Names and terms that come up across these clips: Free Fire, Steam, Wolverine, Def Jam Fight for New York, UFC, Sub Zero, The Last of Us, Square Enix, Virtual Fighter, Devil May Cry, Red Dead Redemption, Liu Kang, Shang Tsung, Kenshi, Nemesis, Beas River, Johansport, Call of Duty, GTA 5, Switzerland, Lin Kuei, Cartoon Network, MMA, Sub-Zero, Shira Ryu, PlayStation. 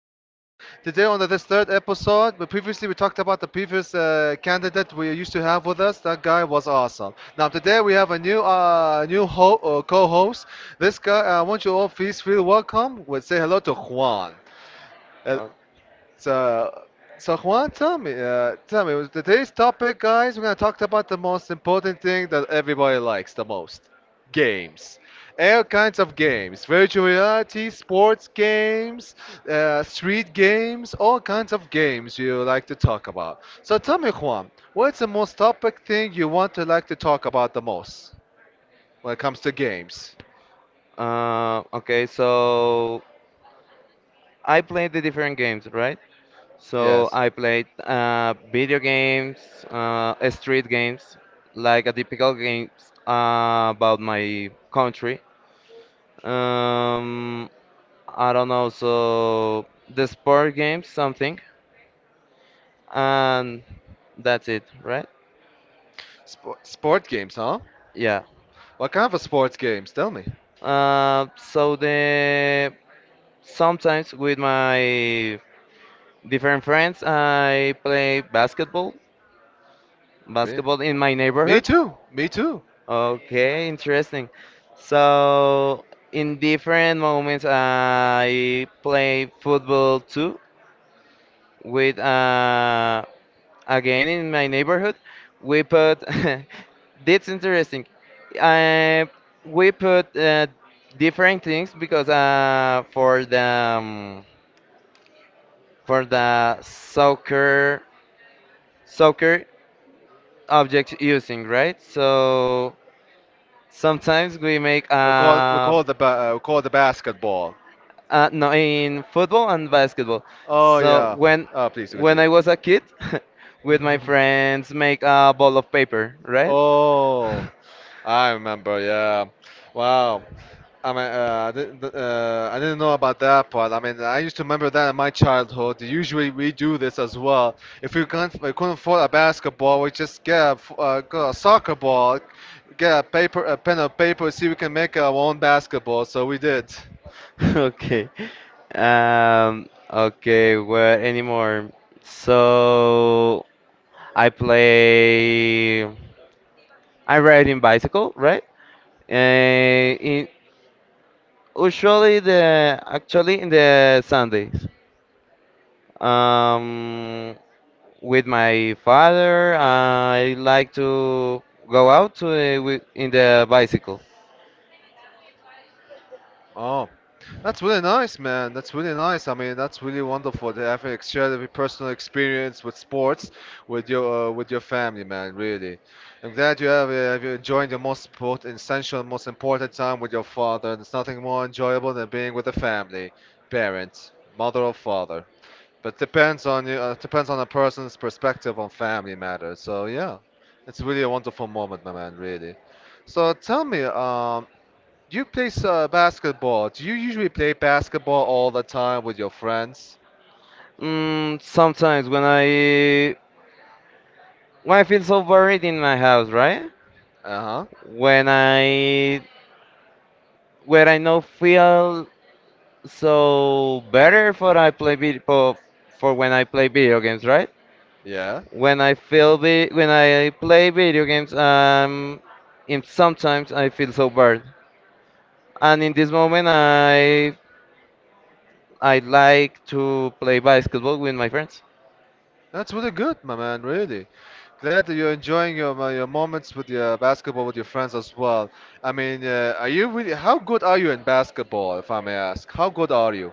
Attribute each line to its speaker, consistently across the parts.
Speaker 1: show. Today, on this third episode, but previously we talked about the previous candidate we used to have with us. That guy was awesome. Now, today we have a new new co host. This guy, I want you all please feel welcome. We'll say hello to Juan.
Speaker 2: Uh,
Speaker 1: So, so Juan, tell me, with today's topic, guys, we're gonna talk about the most important thing that everybody likes the most: games. All kinds of games, virtual reality, sports games, street games, all kinds of games you like to talk about. So tell me, Juan, what's the most topic thing you want to like to talk about the most when it comes to games?
Speaker 2: okay, so I played the different games, right? So
Speaker 1: Yes.
Speaker 2: I played video games, street games, like a typical games about my country. Um, I don't know, so the sport games, something, and that's it, right?
Speaker 1: Sport games, huh?
Speaker 2: Yeah.
Speaker 1: What kind of sports games? Tell me.
Speaker 2: So the Sometimes with my different friends, I play
Speaker 1: Me,
Speaker 2: basketball in my
Speaker 1: me
Speaker 2: neighborhood?
Speaker 1: too. Me too.
Speaker 2: Okay, interesting. So, in different moments, I play football too with, again, in my neighborhood. We put that's interesting. I We put different things because, for the, um, for the soccer object using, right? So sometimes we make
Speaker 1: We call we call the we call the basketball.
Speaker 2: no, in football and basketball.
Speaker 1: Oh
Speaker 2: So
Speaker 1: yeah.
Speaker 2: when
Speaker 1: Oh please
Speaker 2: when
Speaker 1: continue.
Speaker 2: I was a kid, with my friends, make a ball of paper, right?
Speaker 1: Oh, I remember. Yeah. Wow. I mean, I didn't, I didn't know about that part. I mean, I used to remember that in my childhood. Usually, we do this as well. If we can't, we couldn't afford a basketball, we just get a, get a soccer ball, get a paper, a pen of paper, see if we can make our own basketball. So we did.
Speaker 2: Okay. Okay, where anymore? So I play I ride in bicycle, right? Uh, in, usually the actually in the Sundays. Um, with my father, I like to go out to the, in the bicycle.
Speaker 1: Oh, that's really nice, man. That's really nice. I mean, that's really wonderful to have an extra personal experience with sports with your family, man. Really, I'm glad you have enjoyed your essential, most important time with your father. There's nothing more enjoyable than being with a family, parent, mother or father. But depends on you. Depends on a person's perspective on family matters. So yeah, it's really a wonderful moment, my man. Really. So tell me, You play basketball. Do you usually play basketball all the time with your friends?
Speaker 2: Mm, sometimes when I, when I feel so buried in my house, right?
Speaker 1: Uh-huh.
Speaker 2: When I, when I no feel so better for I play vid for when I play video games, right?
Speaker 1: Yeah.
Speaker 2: When I feel vi when I play video games, in sometimes I feel so bored. And in this moment, I like to play basketball with my friends.
Speaker 1: That's really good, my man, really. Glad that you're enjoying your moments with your basketball with your friends as well. I mean, are you really how good are you in basketball, if I may ask? How good are you?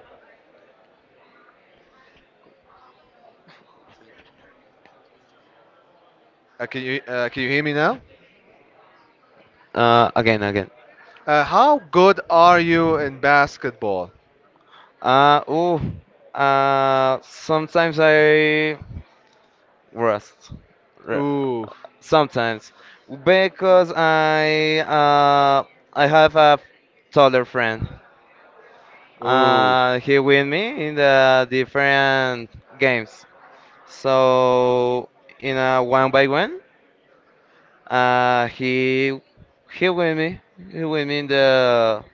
Speaker 1: Can you can you hear me now?
Speaker 2: Again, again.
Speaker 1: How good are you in basketball?
Speaker 2: Uh, oh, Sometimes I rest. Re-
Speaker 1: Ooh.
Speaker 2: Sometimes, because I have a taller friend.
Speaker 1: Ooh.
Speaker 2: He win me in the different games. So in a one by one, uh, he win me. He win me in the,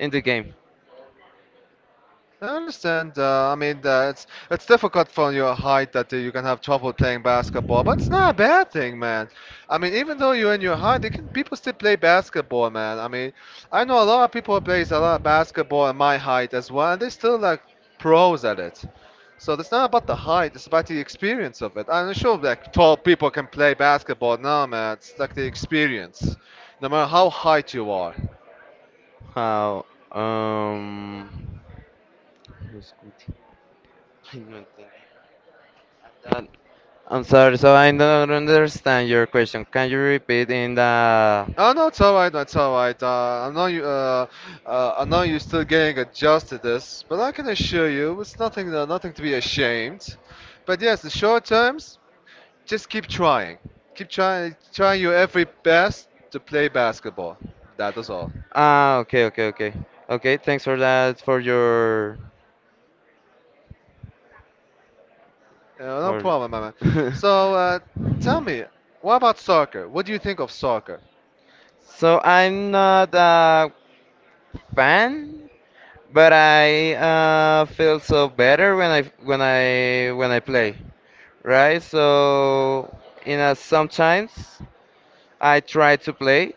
Speaker 2: in the game.
Speaker 1: I understand. I mean, it's difficult for your height that you can have trouble playing basketball, but it's not a bad thing, man. I mean, even though you're in your height, you can people still play basketball, man. I mean, I know a lot of people who plays a lot of basketball at my height as well, and they're still like pros at it. So it's not about the height; it's about the experience of it. I'm sure like tall people can play basketball. No, man, it's like the experience, no matter how height you are.
Speaker 2: How? Um. Los cuti- I don't think that- I'm sorry, so I don't understand your question. Can you repeat in the?
Speaker 1: Oh no, it's alright, it's alright. I know you, I know you're still getting adjusted to this, but I can assure you, it's nothing, nothing to be ashamed. But yes, the short terms, just keep trying, trying your every best to play basketball. That is all.
Speaker 2: Ah, okay, okay, okay, okay. Thanks for that. For your.
Speaker 1: No
Speaker 2: For.
Speaker 1: problem, my man. So, tell me, what about soccer? What do you think of soccer?
Speaker 2: So I'm not a fan, but I feel so better when I, when I play, right? So in a, sometimes I try to play,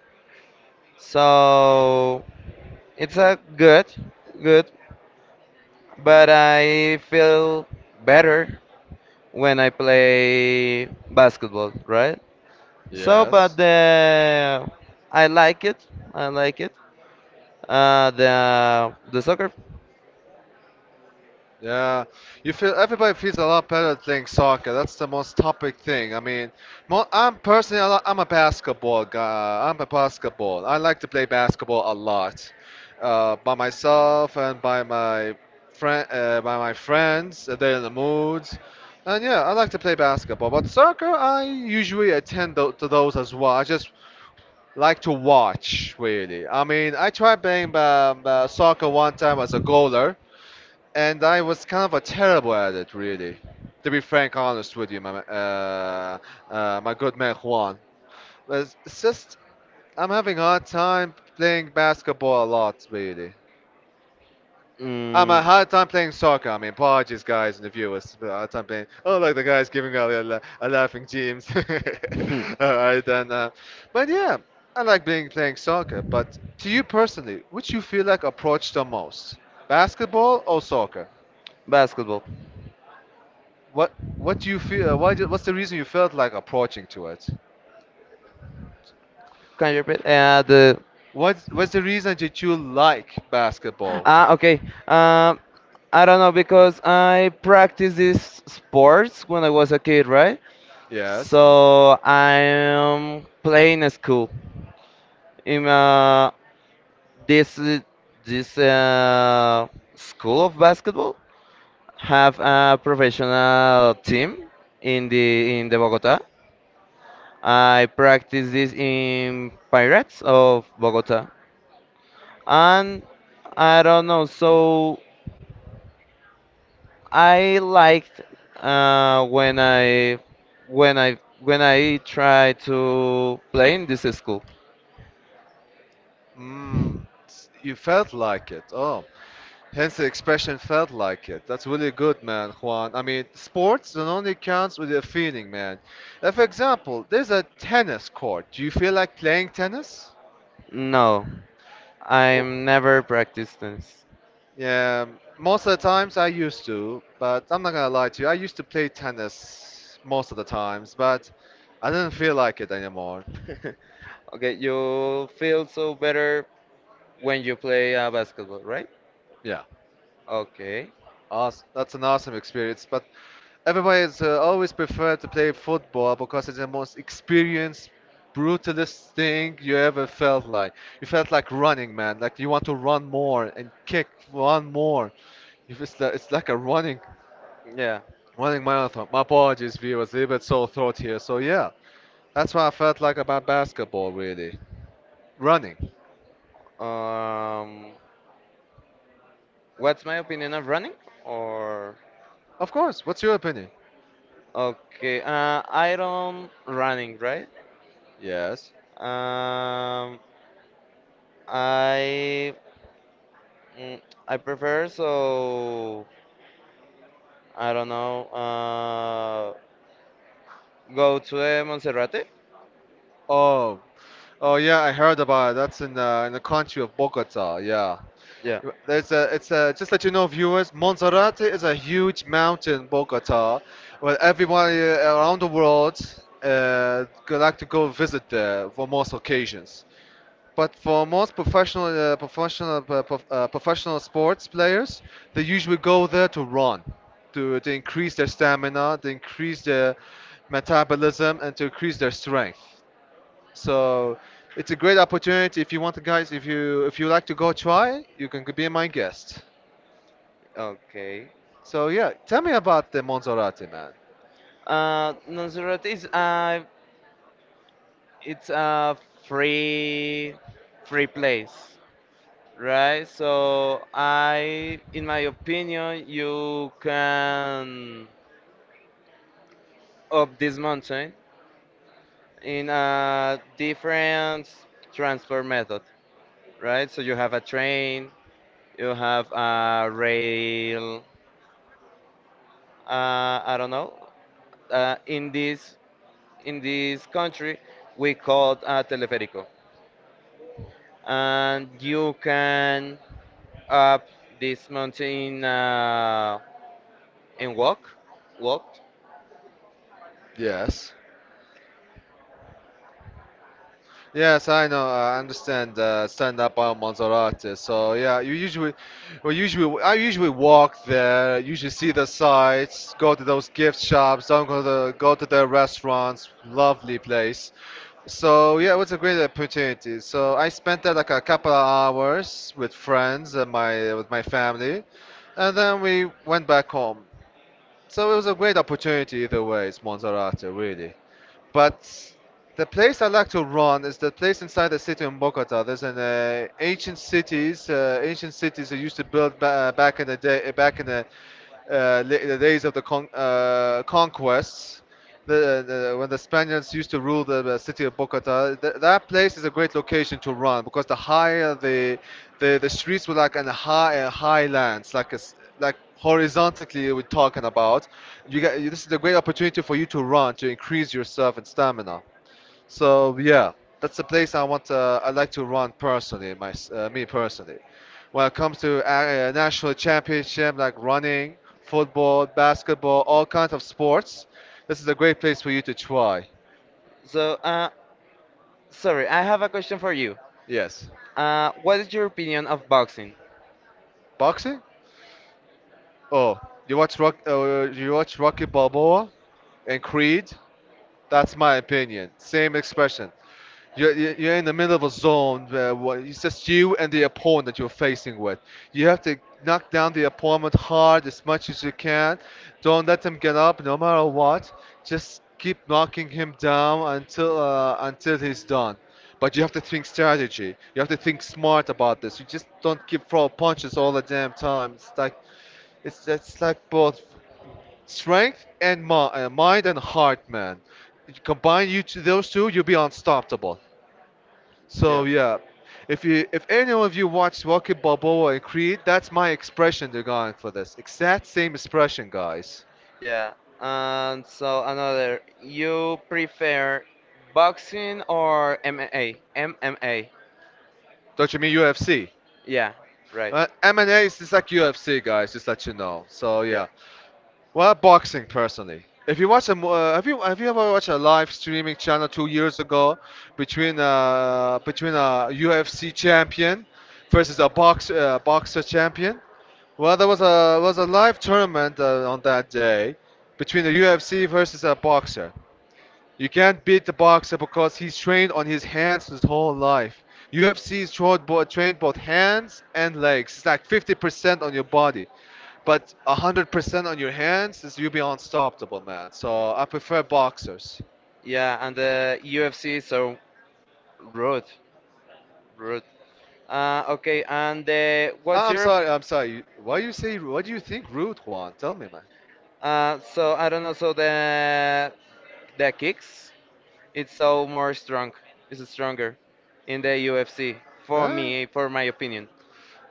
Speaker 2: so it's a good, good, but I feel better when I play basketball, right? So,
Speaker 1: Yes.
Speaker 2: but the I like it. I like it. The soccer.
Speaker 1: Yeah, you feel everybody feels a lot better playing soccer. That's the most topic thing. I mean, mo I'm personally a lot, I'm a basketball guy. I'm a basketball. I like to play basketball a lot, by myself and by my friend, by my friends. They're in the moods, and yeah, I like to play basketball. But soccer, I usually attend to those as well. I just like to watch really. I mean, I tried playing soccer one time as a goaler and I was kind of a terrible at it, really. To be frank, honest with you, my good man Juan. But It's just I'm having a hard time playing basketball a lot, really. I'm a
Speaker 2: Mm.
Speaker 1: hard time playing soccer. I mean, apologies, guys and the viewers. But hard time playing. Oh, look, the guy's giving out a laughing James.
Speaker 2: Hmm.
Speaker 1: All right, then. But yeah, I like being playing soccer. But to you personally, which you feel like approach the most, basketball or soccer?
Speaker 2: Basketball.
Speaker 1: What do you feel? What's the reason you felt like approaching to it?
Speaker 2: Can you repeat? The.
Speaker 1: What what's the reason that you like basketball?
Speaker 2: Ah, okay. Um, I don't know because I practiced these sports when I was a kid, right?
Speaker 1: Yes.
Speaker 2: So I'm playing a school in, uh, this this school of basketball have a professional team in the, in the Bogota. I practice this in Pirates of Bogota, and I don't know. So I liked uh, when I try to play in this school.
Speaker 1: Mm, you felt like it. Oh, hence the expression felt like it. That's really good, man, Juan. I mean, sports it only counts with your feeling, man. For example, there's a tennis court. Do you feel like playing tennis?
Speaker 2: No,
Speaker 1: Oh.
Speaker 2: I'm never practiced this.
Speaker 1: Yeah, most of the times I used to, but I'm not gonna lie to you. I used to play tennis most of the times, but I didn't feel like it anymore.
Speaker 2: Okay, you feel so better when you play basketball, right?
Speaker 1: Yeah,
Speaker 2: Okay.
Speaker 1: awes that's an awesome experience. But everybody's always prefer to play football because it's the most experienced, brutalist thing you ever felt like. You felt like running, man. Like you want to run more and kick one more. It's like a running,
Speaker 2: Yeah.
Speaker 1: running marathon. My apologies, viewers. A little bit sore throat here. So yeah. That's what I felt like about basketball, really. Running.
Speaker 2: Um, what's my opinion of running? Or
Speaker 1: Of course. What's your opinion?
Speaker 2: okay, I don't running, right?
Speaker 1: Yes.
Speaker 2: Um, I mm, I prefer so I don't know. Go to the Monserrate.
Speaker 1: Oh, oh yeah, I heard about it. That's in the country of Bogota. Yeah.
Speaker 2: Yeah.
Speaker 1: There's a, it's a, just let you know, viewers, Monserrate is a huge mountain in Bogota where everyone around the world like to go visit there for most occasions. But for most professional, professional, professional sports players, they usually go there to run, to increase their stamina, to increase their metabolism, and to increase their strength. So it's a great opportunity if you want to, guys. If you like to go try, you can be my guest.
Speaker 2: Okay.
Speaker 1: So yeah, tell me about the Monserrate, man.
Speaker 2: Montserrat is it's a free place, right? So I, in my opinion, you can up this mountain in a different transport method, right? So you have a train, you have a rail. I don't know. In this, in this country we call a teleférico. And you can up this mountain, and walk, walked.
Speaker 1: Yes. Yes, I know. I understand stand up on Maserati. So yeah, you usually, well, usually I usually walk there. Usually see the sights, go to those gift shops, don't go to go to the restaurants. Lovely place. So yeah, it was a great opportunity. So I spent there like a couple of hours with friends and my with my family, and then we went back home. So it was a great opportunity either way. It's Maserati, really. But the place I like to run is the place inside the city in Bogota. There's an ancient cities that used to back in the day, back in the the days of the conquests, when the Spaniards used to rule the city of Bogota, that place is a great location to run because the higher the streets were like on high highlands, like a s like horizontally we're talking about. You get this is a great opportunity for you to run to increase your yourself and stamina. So yeah, that's the place I want. I like to run personally, my me personally. When it comes to national championship, like running, football, basketball, all kinds of sports, this is a great place for you to try.
Speaker 2: So, sorry, I have a question for you.
Speaker 1: Yes.
Speaker 2: What is your opinion of boxing?
Speaker 1: Boxing? Oh, you watch Rock? You watch Rocky Balboa and Creed? That's my opinion. Same expression. You're you're in the middle of a zone where it's just you and the opponent that you're facing with. You have to knock down the opponent hard as much as you can. Don't let him get up, no matter what. Just keep knocking him down until he's done. But you have to think strategy. You have to think smart about this. You just don't keep throw punches all the damn time. It's like it's like both strength and mind and heart, man. You combine you two, those two, you'll be unstoppable. So
Speaker 2: Yeah,
Speaker 1: yeah, if you if any of you watched Rocky Balboa and Creed, that's my expression they're going for this. Exact same expression, guys.
Speaker 2: yeah. And so another, you prefer boxing or MMA? MMA.
Speaker 1: Don't you mean UFC?
Speaker 2: Yeah, right.
Speaker 1: MMA is just like UFC, guys. Just let you know. So
Speaker 2: Yeah,
Speaker 1: yeah, well, boxing personally. If you watch a, have you ever watched a live streaming channel 2 years ago between between a UFC champion versus a boxer champion? Well, there was a live tournament on that day between the UFC versus a boxer. You can't beat the boxer because he's trained on his hands his whole life. UFC is trained, trained both hands and legs. It's like 50% on your body. But 100% on your hands is you'll be unstoppable, man. So I prefer boxers.
Speaker 2: yeah, and the UFC. So rude, rude. Okay, and the what's
Speaker 1: I'm
Speaker 2: your?
Speaker 1: sorry, I'm sorry. Why you say, what do you think Root Juan? Tell me, man.
Speaker 2: So I don't know. So the kicks, it's so more strong. It's stronger in the UFC for
Speaker 1: Huh?
Speaker 2: me, for my opinion.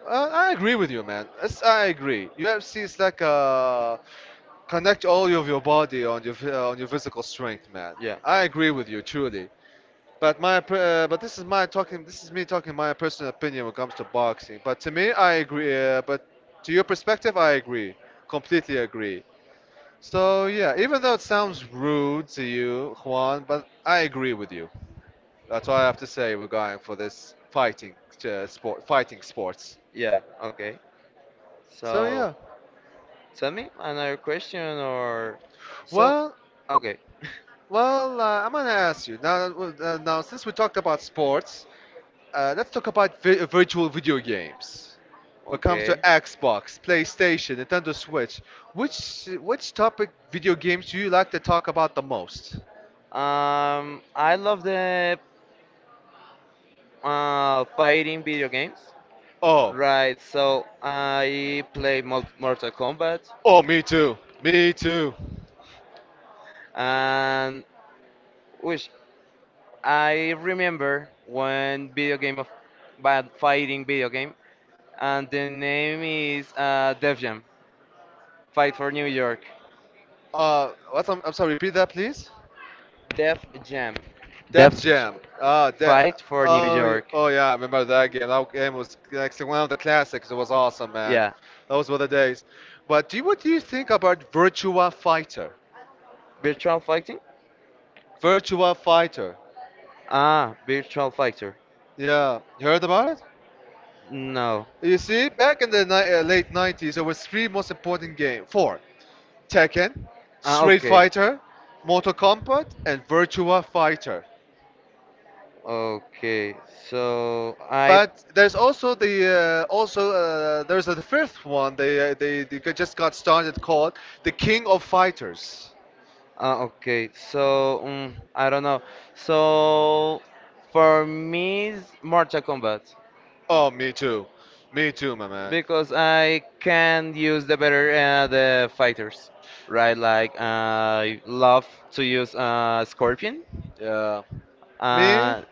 Speaker 1: I agree with you, man. I agree. UFC is like connect all of your body on your on your physical strength, man.
Speaker 2: Yeah,
Speaker 1: I agree with you, truly. But but this is my talking. This is me talking my personal opinion when it comes to boxing. But to me, I agree. But to your perspective, I agree. Completely agree. So yeah, even though it sounds rude to you, Juan, but I agree with you. That's all I have to say. We're going for this fighting sports.
Speaker 2: yeah. Okay.
Speaker 1: So
Speaker 2: So
Speaker 1: yeah.
Speaker 2: tell me another question or so.
Speaker 1: Well,
Speaker 2: Okay.
Speaker 1: well, I'm gonna ask you now. Now, since we talked about sports, let's talk about virtual video games. When it comes to
Speaker 2: Okay.
Speaker 1: Xbox, PlayStation, Nintendo
Speaker 2: Um,
Speaker 1: Switch, which topic video games do you like to talk about the most?
Speaker 2: I love the, fighting video games.
Speaker 1: Oh.
Speaker 2: Right, so I play Mortal Kombat,
Speaker 1: Oh, me too. Me too.
Speaker 2: and which I remember one video game of bad fighting video game, and the name is Def Jam Fight for New York.
Speaker 1: I'm sorry, repeat that, please.
Speaker 2: Def Jam
Speaker 1: Def
Speaker 2: Def Jam.
Speaker 1: Jam.
Speaker 2: Fight for New York.
Speaker 1: Oh yeah, I remember that game. That game was like one of the classics. It was awesome, man.
Speaker 2: Yeah,
Speaker 1: Those were the days. But what do you think about Virtua Fighter?
Speaker 2: virtual fighting.
Speaker 1: Virtua Fighter.
Speaker 2: Ah, virtual fighter.
Speaker 1: Yeah, you heard about it?
Speaker 2: No.
Speaker 1: You see, back in the late 90s, there was three most important games. Four. Tekken,
Speaker 2: Ah,
Speaker 1: Street
Speaker 2: okay.
Speaker 1: Fighter, Mortal Kombat, and Virtua Fighter.
Speaker 2: Okay. So I.
Speaker 1: But there's also the also there's the fifth one just got started called the King of Fighters.
Speaker 2: Ah, okay. I don't know. So for me, it's Mortal Kombat
Speaker 1: Oh, me too, my man.
Speaker 2: because I can use the better the fighters, right? Like I love to use Scorpion. Hey.
Speaker 1: Yeah. Me?
Speaker 2: Uh,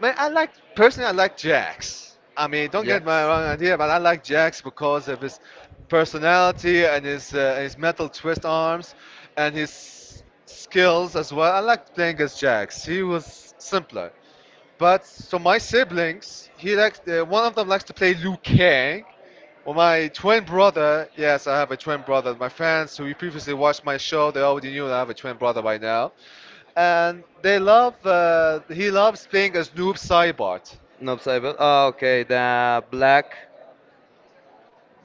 Speaker 1: Man, I like personally I like Jax. I mean, don't get
Speaker 2: Jax.
Speaker 1: my wrong idea, but I like Jax because of his personality and his metal twist arms and his skills as well. I like playing as Jax. He was simpler. But so my siblings, he likes one of them likes to play Liu Kang. Well, my twin brother, yes, I have a twin brother. My friends who previously watched my show, they already knew that I have a twin brother by now, and they love. He loves playing as Noob Saibot.
Speaker 2: Nope, Saibot. Oh, okay, the black.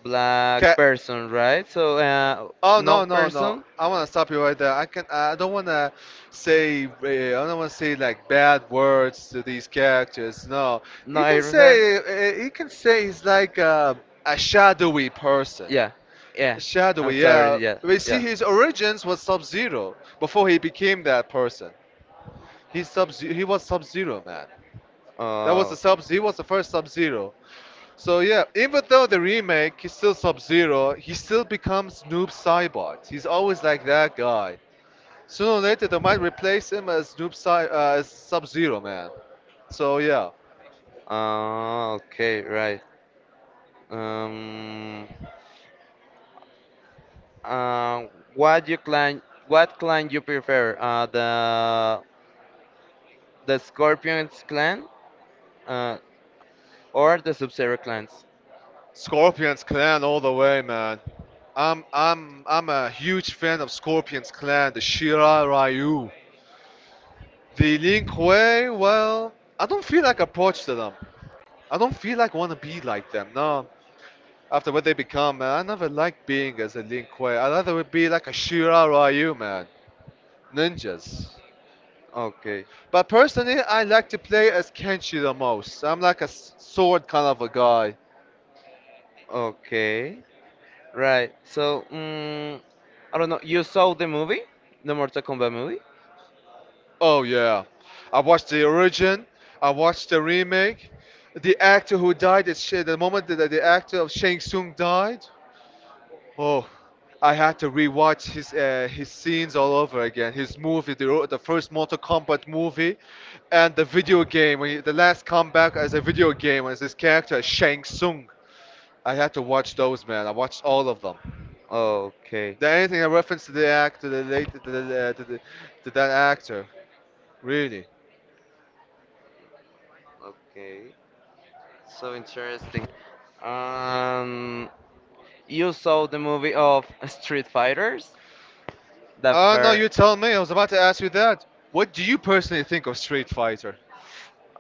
Speaker 2: Okay.
Speaker 1: Okay.
Speaker 2: Person, right? So
Speaker 1: Oh
Speaker 2: no
Speaker 1: no no no!
Speaker 2: person,
Speaker 1: I want to stop you right there. I don't want to say I don't want to say like bad words to these characters. No,
Speaker 2: no I heard.
Speaker 1: you can say he's like a shadowy person.
Speaker 2: Yeah, yeah. I'm
Speaker 1: Shadowy,
Speaker 2: sorry.
Speaker 1: yeah.
Speaker 2: Yeah,
Speaker 1: We see
Speaker 2: yeah.
Speaker 1: his origins was Sub Zero before he became that person. He was Sub Zero man. That was the
Speaker 2: Oh.
Speaker 1: sub. He was the first Sub Zero. So yeah, even though the remake he's still Sub Zero, he still becomes Noob Saibot. He's always like that guy. Sooner or later, they might replace him as Noob Sai as Sub Zero, man. So yeah,
Speaker 2: Oh, okay, right. Um, uh, what you clan? What clan you prefer? The Scorpions clan, uh, or the Sub-Zero clans?
Speaker 1: Scorpion's Clan all the way, man. I'm a huge fan of Scorpion's Clan, the Shira Ryu, the Lin Kuei. Well, I don't feel like I approach to them. I don't feel like want to be like them. No, after what they become, man. I never liked being as a Lin Kuei. I rather would be like a Shira Ryu, man. Ninjas.
Speaker 2: Okay,
Speaker 1: But personally, I like to play as Kenshi the most. I'm like a sword kind of a guy.
Speaker 2: okay. Right. So, I don't know. You saw the movie, the Mortal Kombat movie?
Speaker 1: Oh, yeah. I watched the origin, I watched the remake. The actor who died, is Sh- The moment that the actor of Shang Tsung died, oh, I had to rewatch his scenes all over again. His movie, the first Mortal Kombat movie, and the video game the last comeback as a video game as his character Shang Tsung. I had to watch those, man. I watched all of them.
Speaker 2: Okay.
Speaker 1: There anything a reference to the act to the late to, the, to, the, to that actor? Really?
Speaker 2: Okay. So interesting. Um, you saw the movie of Street Fighters, the
Speaker 1: Oh no, you
Speaker 2: first.
Speaker 1: tell me. I was about to ask you that. What do you personally think of Street Fighter?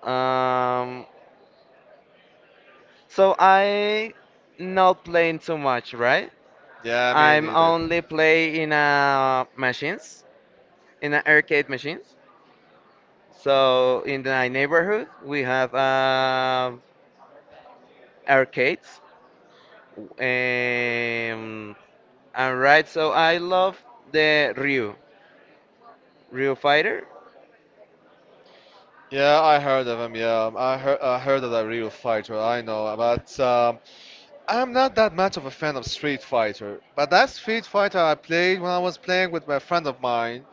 Speaker 2: Um, so I not playing too much, right?
Speaker 1: Yeah, me
Speaker 2: I'm
Speaker 1: neither.
Speaker 2: only play in machines, in a arcade machines. So in the neighborhood, we have arcades, and right. So I love the Ryu, Ryu Fighter,
Speaker 1: Yeah, I heard of him. Yeah, um, I heard of that real fighter. I know, but I'm not that much of a fan of Street Fighter. But that Street Fighter I played when I was playing with my friend of mine.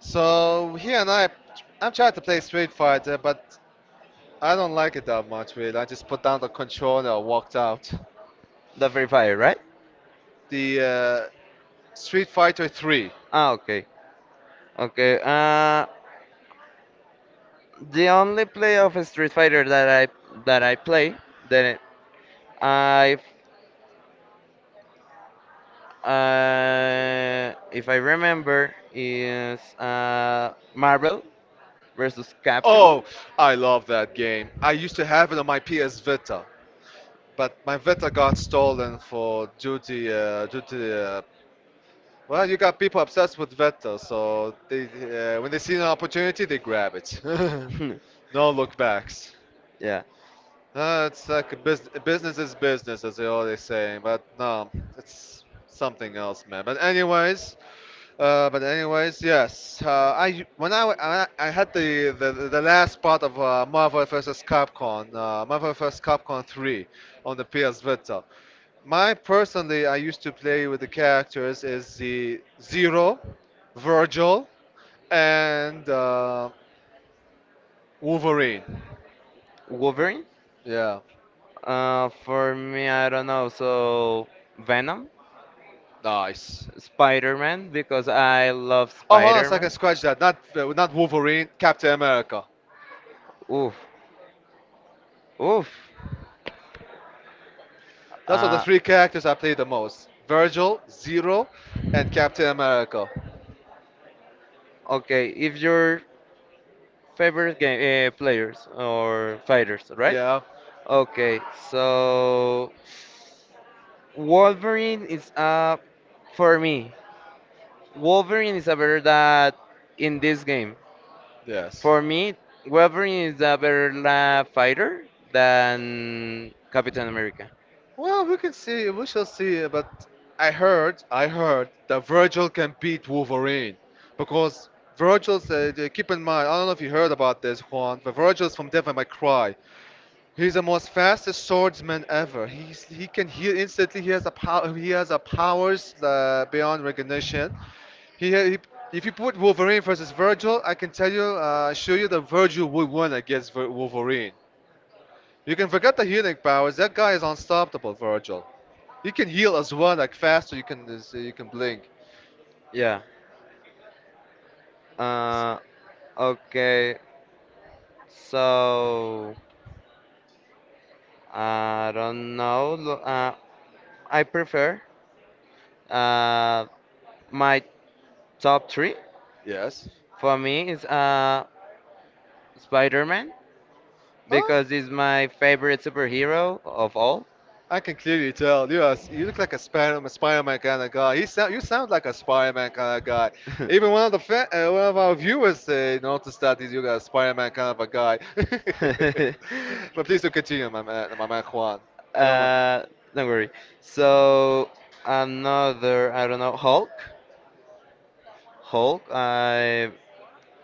Speaker 1: So he and I, I'm trying to play Street Fighter, but I don't like it that much. Really, I just put down the controller and walked out.
Speaker 2: the Free Fire, right?
Speaker 1: The Street Fighter 3.
Speaker 2: Ah, okay, okay. The only play of Street Fighter that I play that I, if I remember is Marvel versus Capcom.
Speaker 1: Oh, I love that game. I used to have it on my PS Vita. But my Vita got stolen for duty. Well, you got people obsessed with Vita, so they when they see an opportunity, they grab it. No look backs.
Speaker 2: Yeah.
Speaker 1: It's like a business is business, as they always say. But no, it's something else, man. But anyways, yes. I had the last part of Marvel vs. Capcom, Marvel vs. Capcom 3 on the PS Vita. My personally, I used to play with the characters is the Zero, Virgil, and Wolverine.
Speaker 2: Wolverine?
Speaker 1: Yeah,
Speaker 2: For me, I don't know. So, Venom?
Speaker 1: nice.
Speaker 2: Spider-Man? Because I love
Speaker 1: Oh, hold on a second,
Speaker 2: Spider-Man.
Speaker 1: scratch that. Not not Wolverine, Captain America.
Speaker 2: Oof. Oof.
Speaker 1: Those are the
Speaker 2: Uh,
Speaker 1: three characters I play the most: Virgil, Zero, and Captain America.
Speaker 2: okay, if your favorite game players or fighters, right?
Speaker 1: Yeah,
Speaker 2: Okay, so Wolverine is for me. Wolverine is a better that in this game.
Speaker 1: yes.
Speaker 2: For me, Wolverine is a better la fighter than Captain America.
Speaker 1: Well, we can see, we shall see, but I heard that Virgil can beat Wolverine because keep in mind, I don't know if you heard about this, Juan, but Virgil's from Devil May Cry. He's the most fastest swordsman ever. He's he can heal instantly. He has a power. He has a powers beyond recognition. He, ha- he if you put Wolverine versus Virgil, I can tell you, show you that Virgil would win against Wolverine. You can forget the healing powers. That guy is unstoppable, Virgil. He can heal as well, like faster. You can so you can blink.
Speaker 2: Yeah. Uh, okay. So I don't know. I prefer uh, my top three.
Speaker 1: Yes.
Speaker 2: For me, is Spider-Man
Speaker 1: Huh?
Speaker 2: because he's my favorite superhero of all.
Speaker 1: I can clearly tell you. You look like a Spider-Man kind of guy. You sound like a Spider-Man kind of guy. Even one of the one of our viewers noticed that you got a Spider-Man kind of a
Speaker 2: God.
Speaker 1: guy. But
Speaker 2: But
Speaker 1: please
Speaker 2: please
Speaker 1: do
Speaker 2: do continue,
Speaker 1: continue,
Speaker 2: my man.
Speaker 1: my
Speaker 2: My
Speaker 1: man
Speaker 2: man
Speaker 1: Juan.
Speaker 2: Juan.
Speaker 1: I don't want.
Speaker 2: Don't worry. So another, I don't know, Hulk.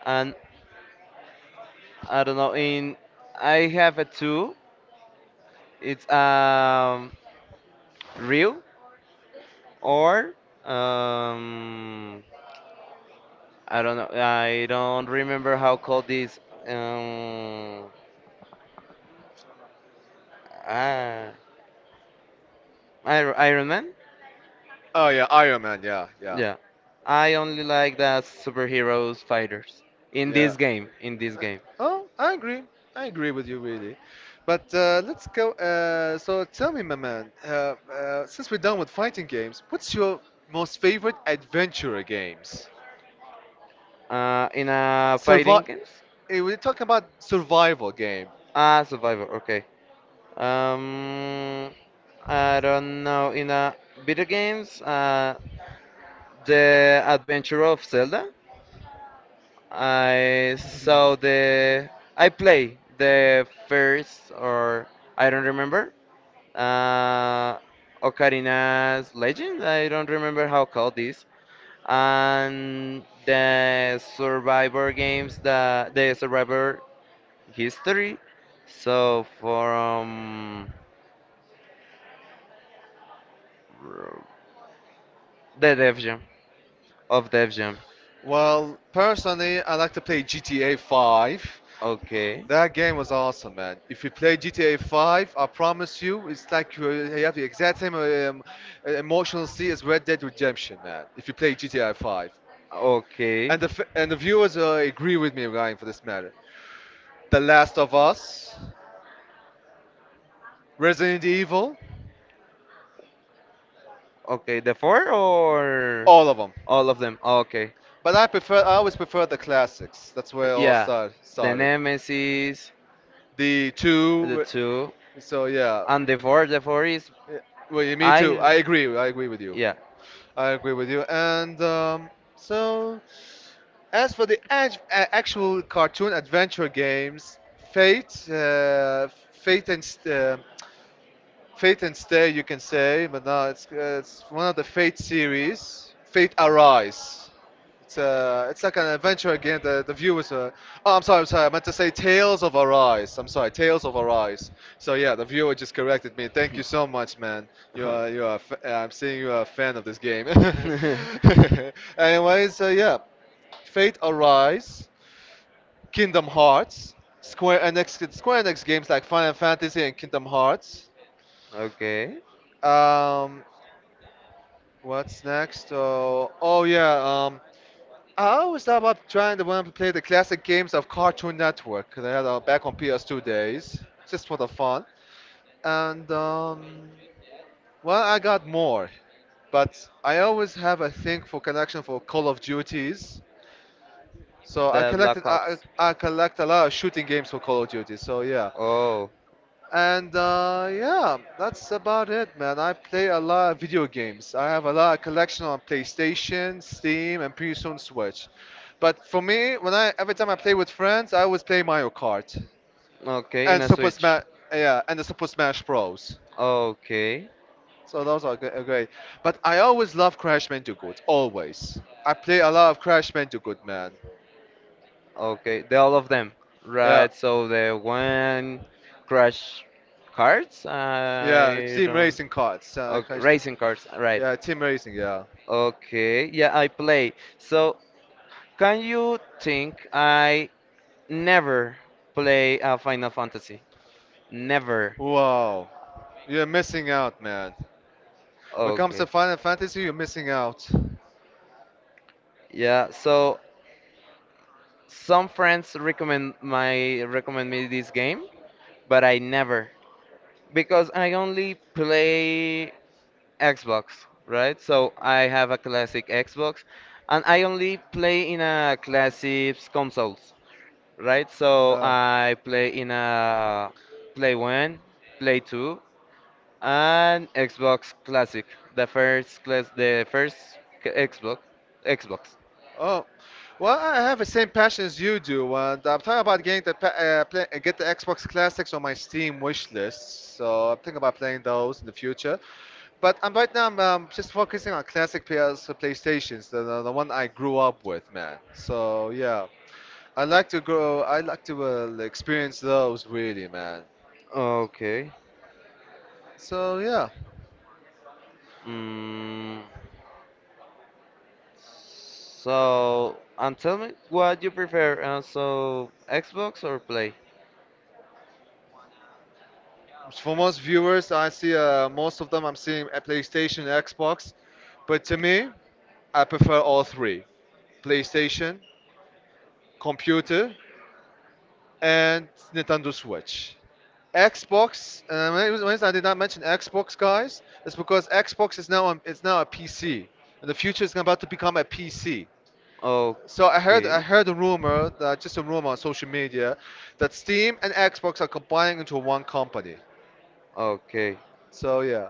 Speaker 2: and I don't know. In I have a two. It's real or um I don't know. I don't remember how called this, um ah Iron Man.
Speaker 1: Oh yeah, Iron Man. Yeah, yeah.
Speaker 2: Yeah. I only like the superheroes fighters in
Speaker 1: Yeah.
Speaker 2: this game. In this
Speaker 1: I-
Speaker 2: game.
Speaker 1: Oh, I agree. I agree with you, really. But let's go. So tell me, my man, since we're done with fighting games, what's your most favorite adventure games?
Speaker 2: In a fighting
Speaker 1: Survive.
Speaker 2: games.
Speaker 1: We're talking about survival game.
Speaker 2: Ah, Survivor. Okay. Um, I don't know. In a video games, the Adventure of Zelda. I saw the. I play the first or I don't remember. Uh, Ocarina's Legend. I don't remember how called this, and the survivor games, the survivor history so from the dev jam of dev jam
Speaker 1: Well, personally, I like to play GTA 5.
Speaker 2: okay
Speaker 1: That game was awesome, man. If you play GTA 5, I promise you, it's like you have the exact same emotional scene as Red Dead Redemption, man. If you play GTA 5,
Speaker 2: okay
Speaker 1: and the viewers agree with me regarding for this matter. The Last of Us, Resident Evil,
Speaker 2: okay the four or
Speaker 1: all of them.
Speaker 2: all of them okay
Speaker 1: But I always prefer the classics. That's where it all
Speaker 2: yeah the
Speaker 1: started.
Speaker 2: nemesis the
Speaker 1: The two, w-
Speaker 2: two
Speaker 1: so yeah.
Speaker 2: and the four is
Speaker 1: Yeah, well, yeah, me
Speaker 2: I
Speaker 1: too. I agree. I agree with you.
Speaker 2: yeah.
Speaker 1: I agree with you. And so, as for the actual cartoon adventure games, Fate, uh, Fate and St- uh, Fate and Stay, you can say, but no, it's one of the Fate series. Fate Arise. It's like an adventure game. The viewers are. Oh, I'm sorry, I'm sorry. I meant to say Tales of Arise. I'm sorry, Tales of Arise. So yeah, the viewer just corrected me. Thank you so much, man. You are I'm seeing you are a fan of this game. Anyways, so yeah, Fate Arise. Kingdom Hearts, Square Enix games like Final Fantasy and Kingdom Hearts.
Speaker 2: Okay.
Speaker 1: Um, what's next? Oh, oh yeah. I always thought about trying to want to play the classic games of Cartoon Network. They had back on PS2 days, just for the fun. And well, I got more, but I always have a thing for connection for Call of Duties. So
Speaker 2: The Black collected,
Speaker 1: I
Speaker 2: Ops.
Speaker 1: collect a lot of shooting games for Call of Duty. So yeah,
Speaker 2: Oh,
Speaker 1: and yeah, that's about it, man. I play a lot of video games. I have a lot of collection on PlayStation, Steam, and pretty soon Switch. But for me, when I every time I play with friends, I always play Mario Kart
Speaker 2: okay, in
Speaker 1: and
Speaker 2: a
Speaker 1: Super
Speaker 2: Switch.
Speaker 1: Smash. Yeah, and the Super Smash Bros.
Speaker 2: Okay,
Speaker 1: So those are great. But I always love Crash Bandicoot. Always. I play a lot of Crash Bandicoot, man.
Speaker 2: okay, the, all of them. Yeah,
Speaker 1: Yeah,
Speaker 2: right? So the one Crash Cards, yeah,
Speaker 1: yeah.
Speaker 2: I
Speaker 1: Team
Speaker 2: don't.
Speaker 1: racing cards.
Speaker 2: Okay,
Speaker 1: Crash.
Speaker 2: racing Cars, right?
Speaker 1: Yeah, team racing. Yeah.
Speaker 2: Okay, yeah, I play. So can you think I Never play Final Fantasy. Never.
Speaker 1: Wow. You're missing out, man. When it comes
Speaker 2: Okay.
Speaker 1: to Final Fantasy, you're missing out.
Speaker 2: Yeah, so some friends recommend me this game, but I never because I only play Xbox, right? So I have a classic Xbox and I only play in a classic consoles, right? So
Speaker 1: Uh,
Speaker 2: I play in a Play 1, Play 2, and Xbox Classic, the first class, the first c- Xbox, Xbox.
Speaker 1: oh, well, I have the same passion as you do, and I'm talking about getting the get the Xbox Classics on my Steam wish list. So I'm thinking about playing those in the future. But right now I'm just focusing on classic PlayStations, the one I grew up with, man. So yeah, I like to go. I like to experience those really, man.
Speaker 2: Okay.
Speaker 1: So yeah,
Speaker 2: Mm, so, and tell me what you prefer, Xbox or Play?
Speaker 1: for most viewers, I see most of them. I'm seeing at PlayStation, Xbox, but to me, I prefer all three: PlayStation, computer, and Nintendo Switch. Xbox. When it I did not mention Xbox, guys, it's because Xbox is now on, it's now a PC. In the future, it's about to become a PC. So
Speaker 2: Okay.
Speaker 1: I heard a rumor that just a rumor on social media that Steam and Xbox are combining into one company.
Speaker 2: Okay.
Speaker 1: So yeah.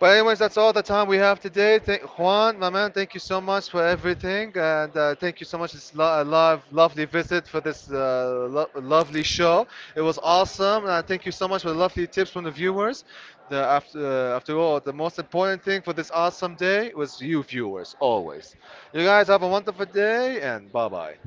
Speaker 1: But anyways, that's all the time we have today. Thank, Juan, my man, thank you so much for everything, and thank you so much. It's lovely visit for this lovely show. It was awesome, and thank you so much for the lovely tips from the viewers. After all, the most important thing for this awesome day was you viewers, always. You guys have a wonderful day, and bye bye.